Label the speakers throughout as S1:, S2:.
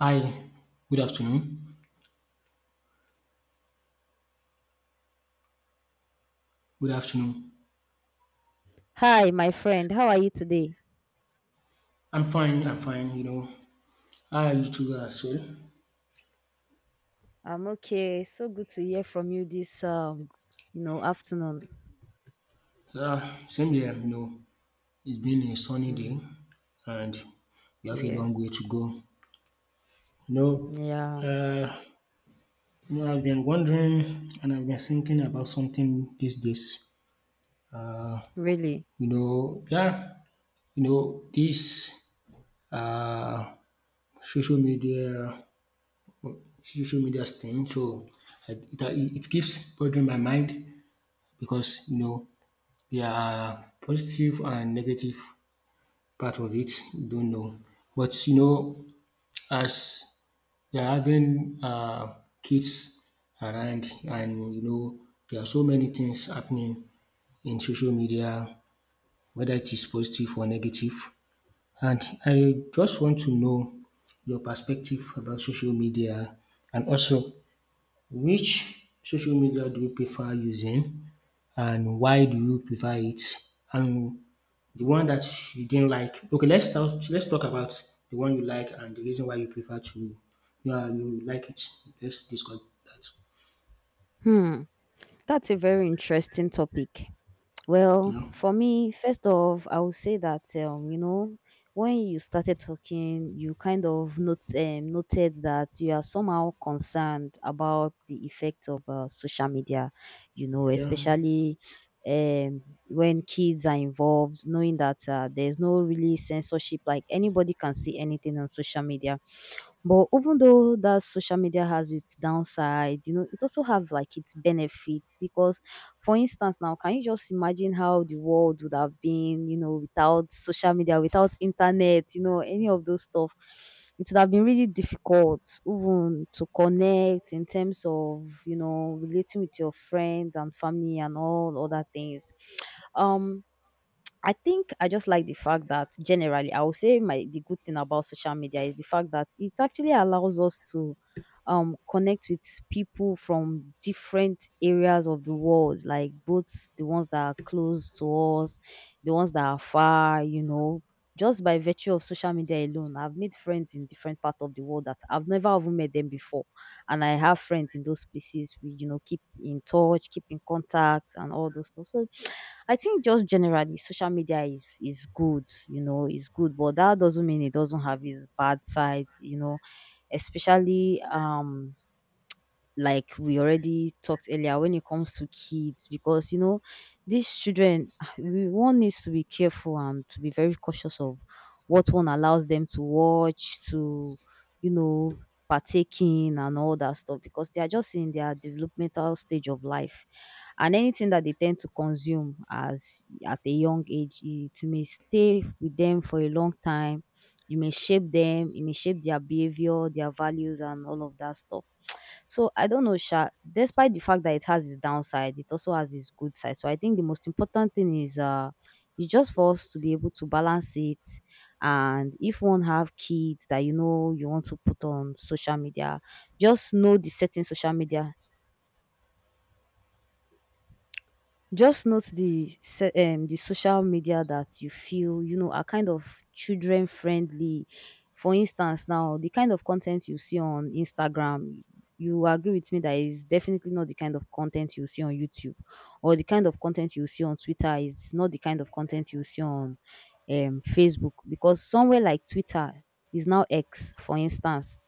S1: Hi, good afternoon. Good afternoon.
S2: Hi, my friend. How are you today?
S1: I'm fine, you know. How are you too as well?
S2: I'm okay. So good to hear from you this afternoon.
S1: Uh, Same here, you know. It's been a sunny day
S2: Mm,
S1: and we have a
S2: yeah.
S1: long way to go. You know,
S2: Yeah,
S1: uh, I've been wondering and I've been thinking about something these days.
S2: really?
S1: You know, yeah, this uh, social media social media thing. So I- it, it keeps bothering my mind because you know their positive and negative part of it, don't know. But you know, as you are having kids around and you know, there are so many things happening in social media, whether it is positive or negative. And I just want to know your perspective about social media and also which social media do you prefer using and why do you prefer it? And the one that you didn't like. Okay, let's talk about the one you like and the reason why you prefer to yeah, you like it. Let's discuss that.
S2: Hmm. That's a very interesting topic. Well,
S1: Yeah.
S2: for me, first off, I would say that when you started talking, you kind of not, noted that you are somehow concerned about the effect of social media, you know,
S1: Yeah.
S2: especially um, when kids are involved, knowing that there's no really censorship. Like anybody can see anything on social media, but even though that social media has its downside, it also have like its benefits. Because for instance now, can you just imagine how the world would have been, you know, without social media, without internet, you know, any of those stuff. It would have been really difficult even to connect in terms of, you know, relating with your friends and family and all other things. Um I think I just like the fact that generally, I would say my the good thing about social media is the fact that it actually allows us to connect with people from different areas of the world, like both the ones that are close to us, the ones that are far. Just by virtue of social media alone, I've made friends in different parts of the world that I've never even met them before. And I have friends in those places. We, you know, keep in touch, keep in contact and all those stuff. So I think just generally social media is good, it's good, but that doesn't mean it doesn't have its bad side, especially like we already talked earlier, when it comes to kids. Because these children we one needs to be careful and to be very cautious of what one allows them to watch, to you know partake in and all that stuff, because they are just in their developmental stage of life, and anything that they tend to consume as at a young age, it may stay with them for a long time. You may shape them, it may shape their behavior, their values and all of that stuff. So I don't know, Sha. Despite the fact that it has its downside, it also has its good side. So I think the most important thing is just for us to be able to balance it. And if one have kids that you want to put on social media, just know the certain social media. Just note the the social media that you feel are kind of children friendly. For instance, now the kind of content you see on Instagram, you agree with me that is definitely not the kind of content you see on YouTube. Or the kind of content you see on Twitter is not the kind of content you see on Facebook, because somewhere like Twitter is now X, for instance,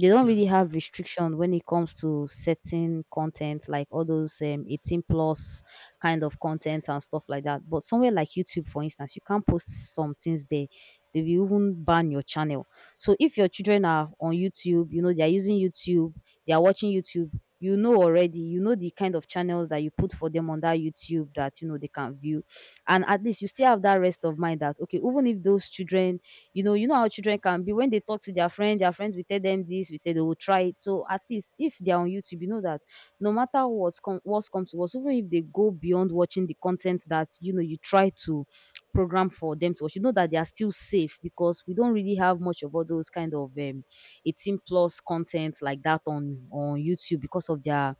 S2: they don't
S1: Yeah.
S2: really have restriction when it comes to certain content, like all those 18 plus kind of content and stuff like that. But somewhere like YouTube, for instance, you can't post some things there, they will even ban your channel. So if your children are on YouTube, they are using YouTube, they are watching YouTube, you know already, you know the kind of channels that you put for them on that YouTube that they can view. And at least you still have that rest of mind that okay, even if those children, you know, you know how children can be. When they talk to their friend will tell them this, will tell they will try it. So at least if they are on YouTube, you know that no matter what's come to us, even if they go beyond watching the content that you try to program for them to watch, you know that they are still safe, because we don't really have much of all those kind of 18 plus content like that on YouTube, because of their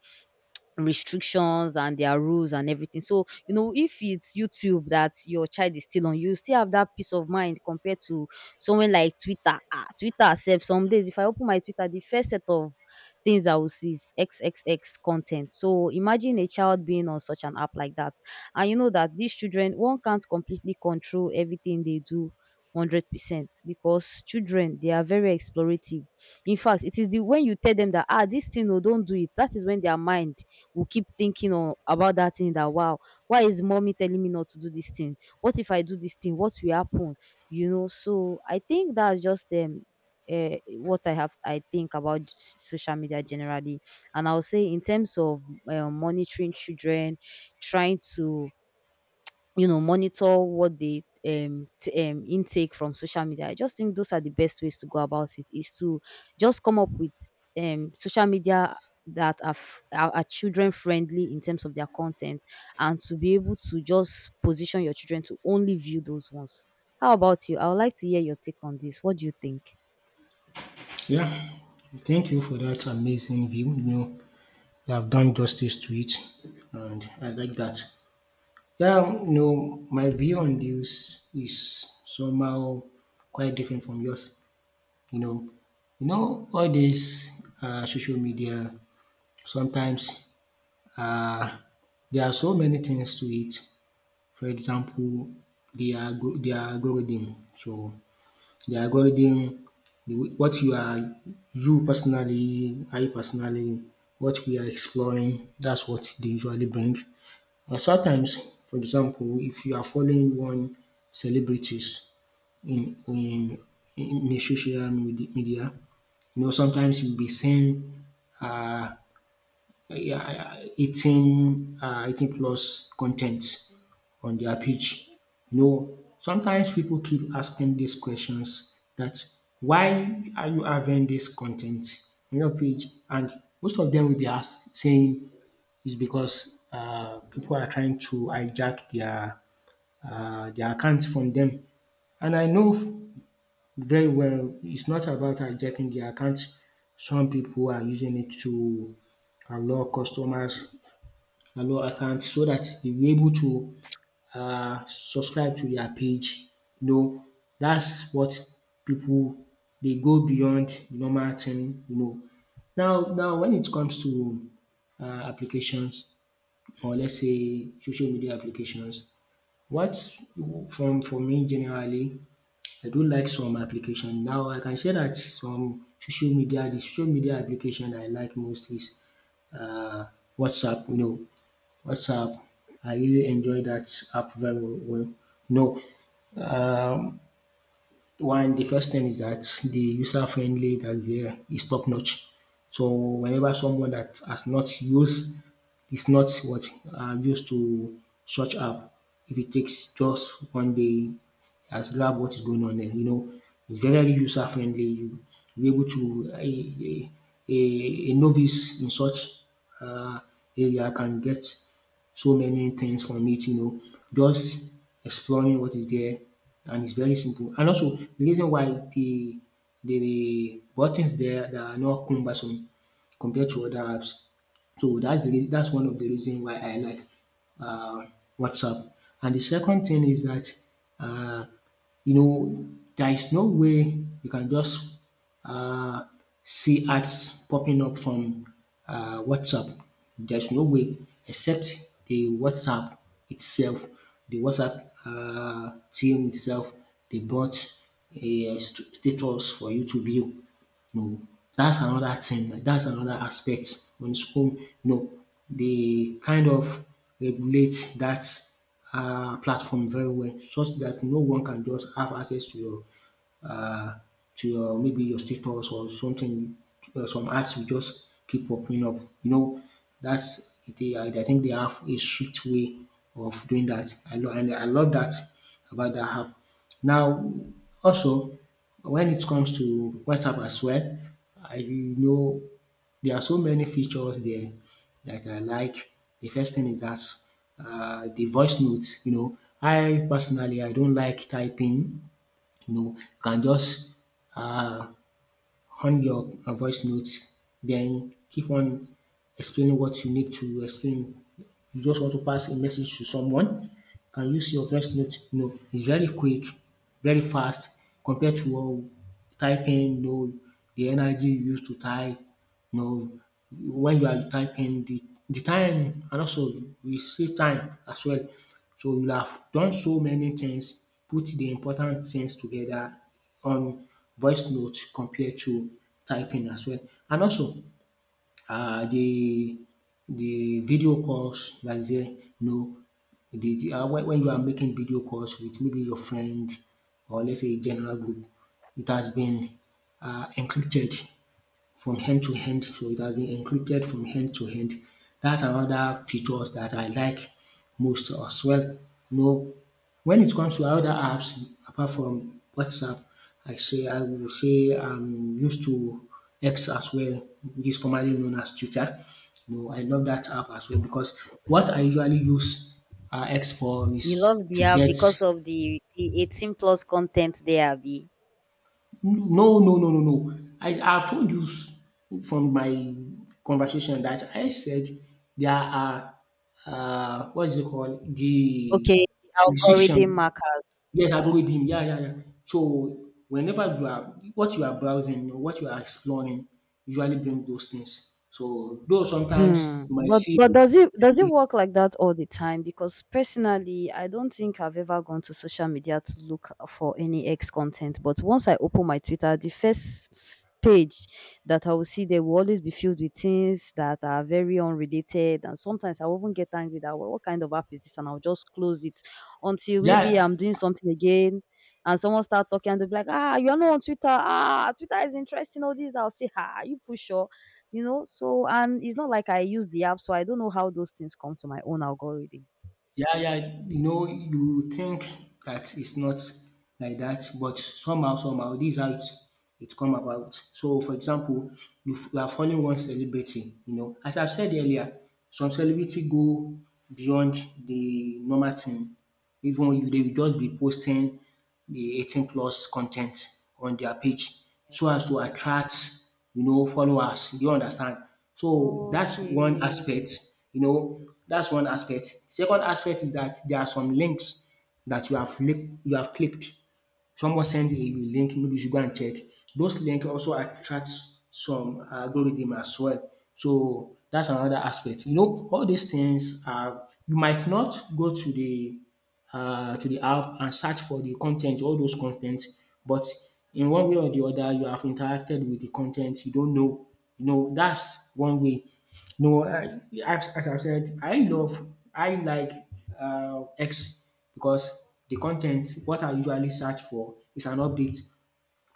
S2: restrictions and their rules and everything. So, if it's YouTube that your child is still on, you still have that peace of mind compared to someone like Twitter. Ah, Twitter self, some days if I open my Twitter, the first set of things I will see is XXX content. So imagine a child being on such an app like that. And you know that these children, one can't completely control everything they do. 100%, because children they are very explorative. In fact, it is the when you tell them that, ah, this thing, no, don't do it, that is when their mind will keep thinking on about that thing, that wow, why is mommy telling me not to do this thing? What if I do this thing? What will happen? You know, so I think that's just what I think about social media generally. And I'll say in terms of monitoring children, trying to monitor what they intake from social media, I just think those are the best ways to go about it is to just come up with social media that are children friendly in terms of their content, and to be able to just position your children to only view those ones. How about you? I would like to hear your take on this. What do you think?
S1: Yeah. Thank you for that amazing view. You know, you have done justice to it and I like that. Yeah, you know, my view on this is somehow quite different from yours. You know you know all dis social media sometimes, um there are so many things to it. For example, the algorithm. So the algorithm, what you are, you personally, I personally, what we are exploring, that's what they usually bring. And sometimes, for example, if you are following one celebrities in in in the social media, media, you know, sometimes you'll be seeing uh, yeah, 18, 18 plus content on their page. You know, sometimes people keep asking these questions that why are you having this content on your page? And most of them will be asked saying it's because people are trying to hijack their accounts from them. And I know very well. It's not about hijacking the account. Some people are using it to allow customers, allow accounts so that they'll be able to subscribe to their page. You know, that's what people they go beyond the normal thing, you know. Now when it comes to applications or let's say social media applications, what from for me generally I do like some application. Now I can say that some social media the social media application I like most is um WhatsApp, you know, WhatsApp. I really enjoy that app very well. No, um one, the first thing is that the user friendly that is there is top notch. So whenever someone that has not used is not what used to such app, if it takes just one day, has grabbed what is going on there. You know, it's very user friendly. You be able to a novice in such uh, area can get so many things from it, you know, just exploring what is there and it's very simple. And also the reason why the buttons there that are not cumbersome compared to other apps. So that's one of the reason why I like uh, WhatsApp. And the second thing is that uh, you know, there is no way you can just uh, see ads popping up from WhatsApp. There's no way except the WhatsApp itself, the WhatsApp team itself, they bought status for you to view. No, that's another thing, like, that's another aspect on school, no, they kind of regulate that platform very well such that no one can just have access uh, to your maybe your status or something. Some ads will just keep popping up. You know, that's they. I think they have a strict way of doing that. I love that about that app. Now, also when it comes to WhatsApp as well, I know there are so many features there that I like. The first thing is that the voice notes. You know, I don't like typing. You know, you can just um on your voice notes then keep on explaining what you need to explain. You just want to pass a message to someone, you can use your voice note, you know, it's very quick, very fast compared to typing, you know, the energy you use to type, you know, when you are typing the time and also you save time as well. So you have done so many things, put the important things together on voice note compared to typing as well. And also um the the video calls that is there, you know, the when you are making video calls with maybe your friend or let's say a general group, it has been encrypted from end to end, so it has been encrypted from end to end. That's another features that I like most as well. No, when it comes to other apps apart from WhatsApp, I will say I'm used to X as well, which is formerly known as Twitter. No, I love that app as well because what I usually use X for
S2: You
S1: is
S2: love the
S1: to
S2: app
S1: get
S2: because of the 18 plus content there, Be
S1: no, no, no, no, no. I have told you from my conversation that I said there are what is it called the
S2: okay, the algorithm
S1: restriction.
S2: mark
S1: Yes, algorithm. Yeah. So whenever you are what you are browsing, or what you are exploring, usually bring those things. So though sometimes
S2: Hmm.
S1: you might
S2: But
S1: see,
S2: but does it work like that all the time? Because personally, I don't think I've ever gone to social media to look for any ex content. But once I open my Twitter, the first page that I will see there will always be filled with things that are very unrelated. And sometimes I will even get angry that, what kind of app is this?" And I'll just close it until maybe I'm
S1: yeah,
S2: doing something again. And someone start talking and they'll be like, ah, you're not on Twitter. Ah, Twitter is interesting. All this. I'll say, ah, you push so, and it's not like I use the app, so I don't know how those things come to my own algorithm.
S1: yeah. You know, you think that it's not like that, but somehow, this is how it come about. So, for example, you are following one celebrity. You know, as I've said earlier, some celebrity go beyond the normal thing. Even you they will just be posting the 18 plus content on their page so as to attract you know followers. Do you understand? So that's one
S2: Okay.
S1: aspect, you know, that's one aspect. Second aspect is that there are some links that you have clicked. Someone send a link, maybe you should go and check. Those link also attracts some algorithm as well. So that's another aspect. You know, all these things are you might not go to the app and search for the content, all those content, but in one way or the other, you have interacted with the content. You don't know. You know, that's one way. No, as I've said, I like X because the content, what I usually search for is an update.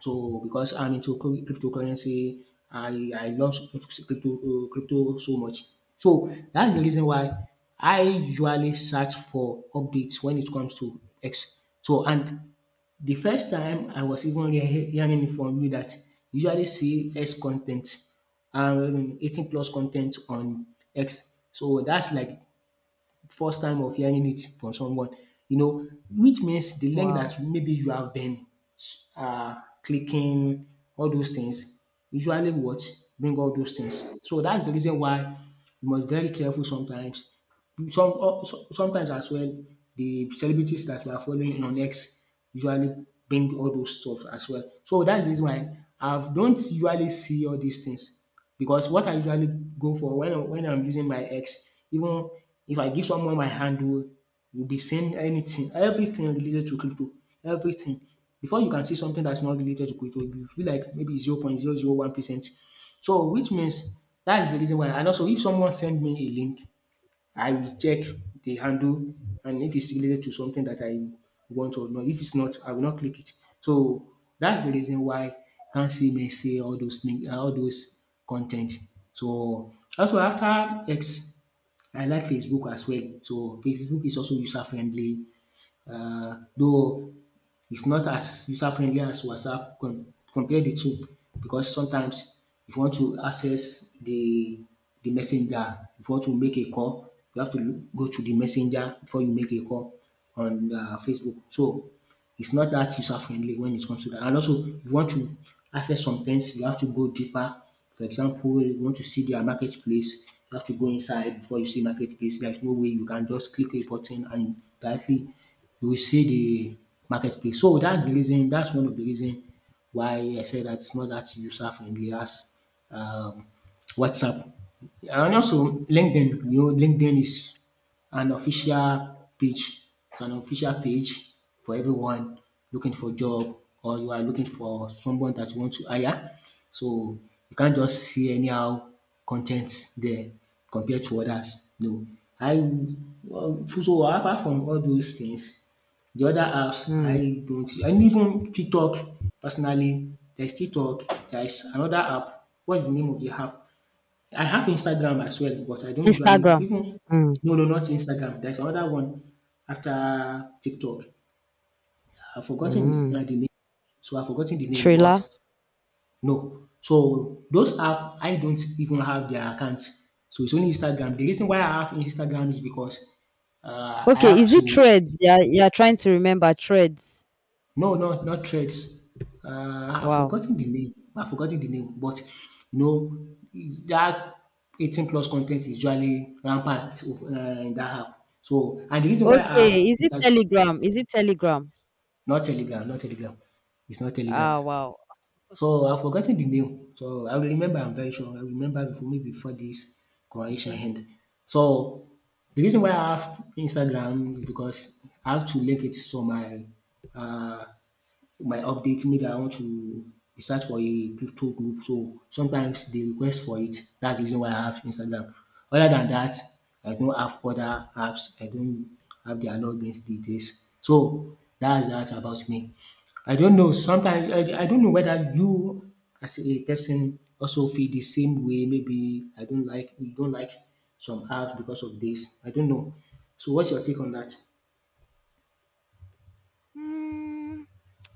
S1: So, because I'm into cryptocurrency, I love crypto, crypto so much. So, that's the reason why I usually search for updates when it comes to X. So, and the first time I was even hearing it from you that you usually see X content, um, 18 plus content on X. So that's like first time of hearing it from someone, you know, which means the link
S2: Wow.
S1: that maybe you have been clicking, all those things usually what bring all those things. So that's the reason why you must be very careful sometimes. Some sometimes as well the celebrities that we are following on X usually bring all those stuff as well. So that's the reason why I don't usually see all these things because what I usually go for when I'm using my ex, even if I give someone my handle, you'll be seeing anything, everything related to crypto, everything. Before you can see something that's not related to crypto, you feel like maybe 0.001%. So which means that's the reason why. And also if someone send me a link I will check the handle and if it's related to something that I want or not. If it's not, I will not click it. So that's the reason why you can't see me see all those things, all those content. So also after X, I like Facebook as well. So Facebook is also user friendly, though it's not as user friendly as WhatsApp. Compare the two, because sometimes if you want to access the messenger, if you want to make a call, you have to go to the messenger before you make a call on Facebook. So it's not that user friendly when it comes to that. And also, if you want to access some things, you have to go deeper. For example, you want to see their marketplace, you have to go inside before you see marketplace. There's no way you can just click a button and directly you will see the marketplace. So that's the reason. That's one of the reason why I said that it's not that user friendly as um, WhatsApp. And also LinkedIn, you know, LinkedIn is an official page. It's an official page for everyone looking for job or you are looking for someone that you want to hire. So you can't just see anyhow content there compared to others. No, I so apart from all those things, the other apps
S2: Mm.
S1: I don't see, and even TikTok personally. There's TikTok. There's another app. What's the name of the app? I have Instagram as well, but I don't usually
S2: Instagram.
S1: even
S2: Mm.
S1: no, no, not Instagram. There's another one after TikTok. I've forgotten his,
S2: Mm.
S1: the name, so I've forgotten the name. But
S2: Trailer.
S1: no, so those app I don't even have their account. So it's only Instagram. The reason why I have Instagram is because I
S2: Okay,
S1: have
S2: is it
S1: to
S2: Threads? Yeah, you're trying to remember Threads.
S1: no, no, not Threads. I've
S2: Wow.
S1: forgotten the name. I've forgotten the name, but you know that 18 plus content is usually rampant of, in that app. So, and the reason why I have
S2: Okay, is it
S1: Instagram,
S2: Telegram? Is it Telegram?
S1: not Telegram, not Telegram, it's not Telegram.
S2: Ah, wow.
S1: So I've forgotten the name. So I will remember. I'm very sure I will remember before maybe before this conversation
S2: Okay.
S1: end. So the reason why I have Instagram is because I have to link it to my uh, my update maybe I want to research for a crypto group so sometimes they request for it. That's the reason why I have Instagram. Other than that I don't have other apps. I don't have their logins details. So that's that about me. I don't know sometimes I don't know whether you as a person also feel the same way. Maybe I don't like you don't like some apps because of this I don't know. So what's your take on that?
S2: Mm,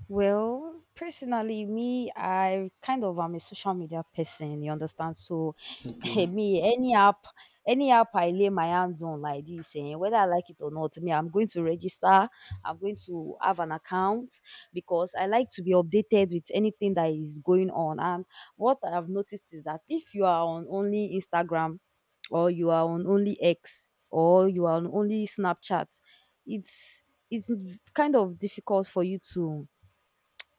S2: well, personally, me, I kind of am a social media person, you understand? So,
S1: Okay.
S2: me, any app I lay my hands on like this, eh, whether I like it or not, me, I'm going to register, I'm going to have an account, because I like to be updated with anything that is going on. And what I've noticed is that if you are on only Instagram, or you are on only X, or you are on only Snapchat, it's it's kind of difficult for you to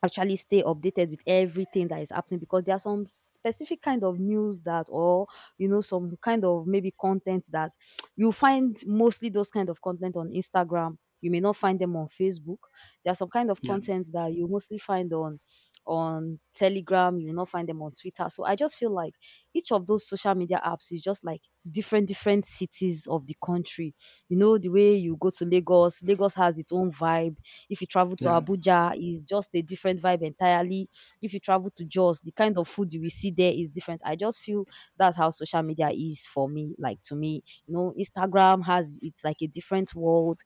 S2: actually stay updated with everything that is happening, because there are some specific kind of news that or some kind of maybe content that you find mostly. Those kind of content on Instagram, you may not find them on Facebook. There are some kind of
S1: Yeah.
S2: content that you mostly find on Telegram, you will not find them on Twitter. So I just feel like each of those social media apps is just like different different cities of the country. You know, the way you go to Lagos, Lagos has its own vibe. If you travel to
S1: Yeah.
S2: Abuja, it's just a different vibe entirely. If you travel to Jos, the kind of food you will see there is different. I just feel that's how social media is for me. Like, to me, Instagram has it's like a different world.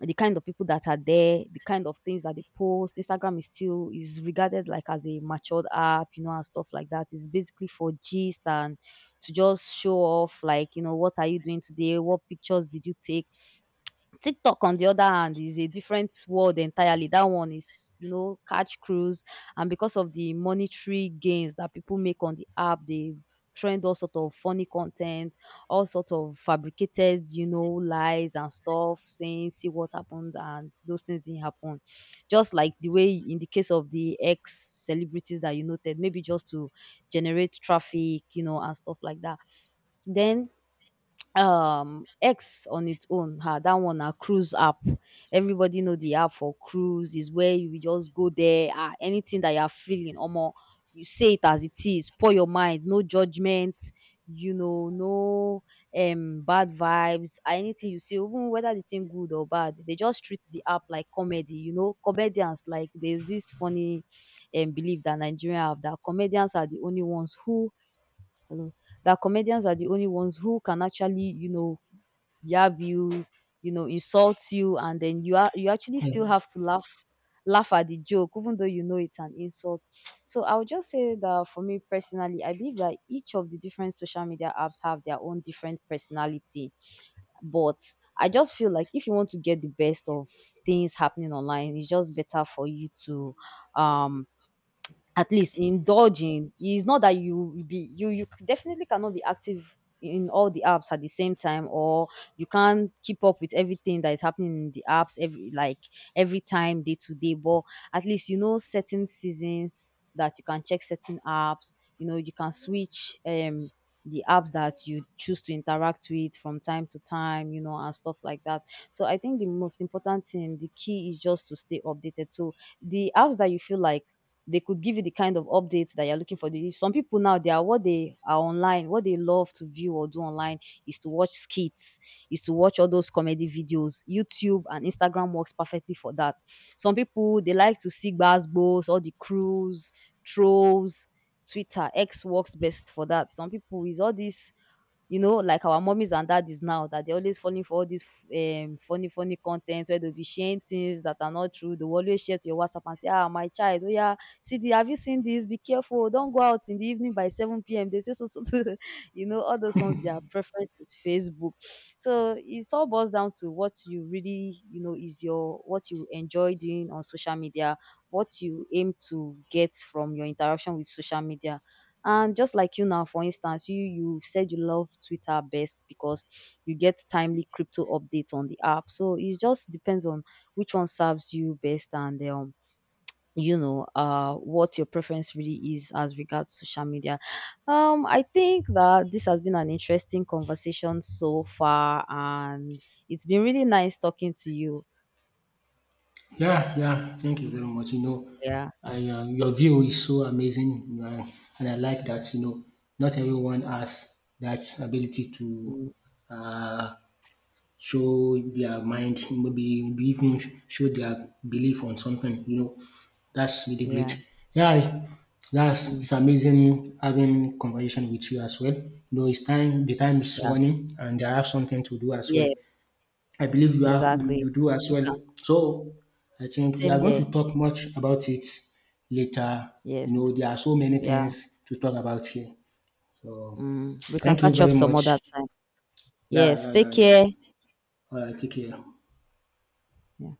S2: The kind of people that are there, the kind of things that they post. Instagram is still is regarded like as a matured app, and stuff like that. It's basically for gist and to just show off, like, you know, what are you doing today, what pictures did you take? TikTok, on the other hand, is a different world entirely. That one is, catch crews, and because of the monetary gains that people make on the app, they trend all sort of funny content, all sort of fabricated, lies and stuff, saying see what happened and those things didn't happen. Just like the way, in the case of the ex celebrities that you noted, maybe just to generate traffic, and stuff like that. Then X on its own, ah, that one na cruise app. Everybody know the app for cruise is where you just go there, ah, anything that you are feeling, omo, you say it as it is, pour your mind, no judgment, no bad vibes, ah, anything you see, even whether the thing good or bad, they just treat the app like comedy, you know, comedians like there's this funny belief that Nigerians have that comedians are the only ones who Hello. That comedians are the only ones who can actually, you know, yab you, you know, insult you, and then you actually still
S1: Yeah.
S2: have to laugh at the joke, even though you know it's an insult. So I would just say that for me personally, I believe that each of the different social media apps have their own different personality. But I just feel like if you want to get the best of things happening online, it's just better for you to um at least indulging it's not that you will be definitely cannot be active in all the apps at the same time, or you can't keep up with everything that is happening in the apps every like every time day to day. But at least you know certain seasons that you can check certain apps, you know, you can switch the apps that you choose to interact with from time to time, and stuff like that. So I think the most important thing, the key is just to stay updated. So the apps that you feel like they could give you the kind of updates that you're looking for. Some people now, they are what they are online, what they love to view or do online is to watch skits, is to watch all those comedy videos. YouTube and Instagram works perfectly for that. Some people they like to see gbasgbos, all the crews, trolls, Twitter, X works best for that. Some people is all these, like our mummies and daddies now, that they're always falling for all this funny content where they'll be sharing things that are not true. They'll always share to your WhatsApp and say, "Ah, my child, oh yeah, see, the, have you seen this? Be careful. Oh, don't go out in the evening by 7 p.m. They say so, so, so." All those ones, their preference is Facebook. So it all boils down to what you really, is your, what you enjoy doing on social media, what you aim to get from your interaction with social media. And just like you now, for instance, you said you love Twitter best because you get timely crypto updates on the app. So it just depends on which one serves you best, and you know, what your preference really is as regards social media. I think that this has been an interesting conversation so far, and it's been really nice talking to you.
S1: Yeah, yeah. Thank you very much. You know,
S2: Yeah.
S1: I your view is so amazing, and I like that. You know, not everyone has that ability to
S2: Mm,
S1: uh, show their mind, maybe even show their belief on something. You know, that's really great.
S2: yeah.
S1: That's
S2: Mm,
S1: it's amazing having conversation with you as well. You know, it's time. The time is
S2: yeah.
S1: running, and I have something to do as
S2: Yeah.
S1: well. I believe you are
S2: Exactly.
S1: you do as
S2: We
S1: well.
S2: can.
S1: So I think we
S2: Same
S1: are going to
S2: here.
S1: talk much about it later. You
S2: Yes.
S1: know, there are so many
S2: Yeah.
S1: things to talk about here. So
S2: Mm, we can
S1: thank you
S2: catch up
S1: very
S2: some
S1: much.
S2: other time.
S1: Yeah,
S2: Yes,
S1: yeah,
S2: take
S1: yeah,
S2: care.
S1: yeah. All right, take care.
S2: Yeah.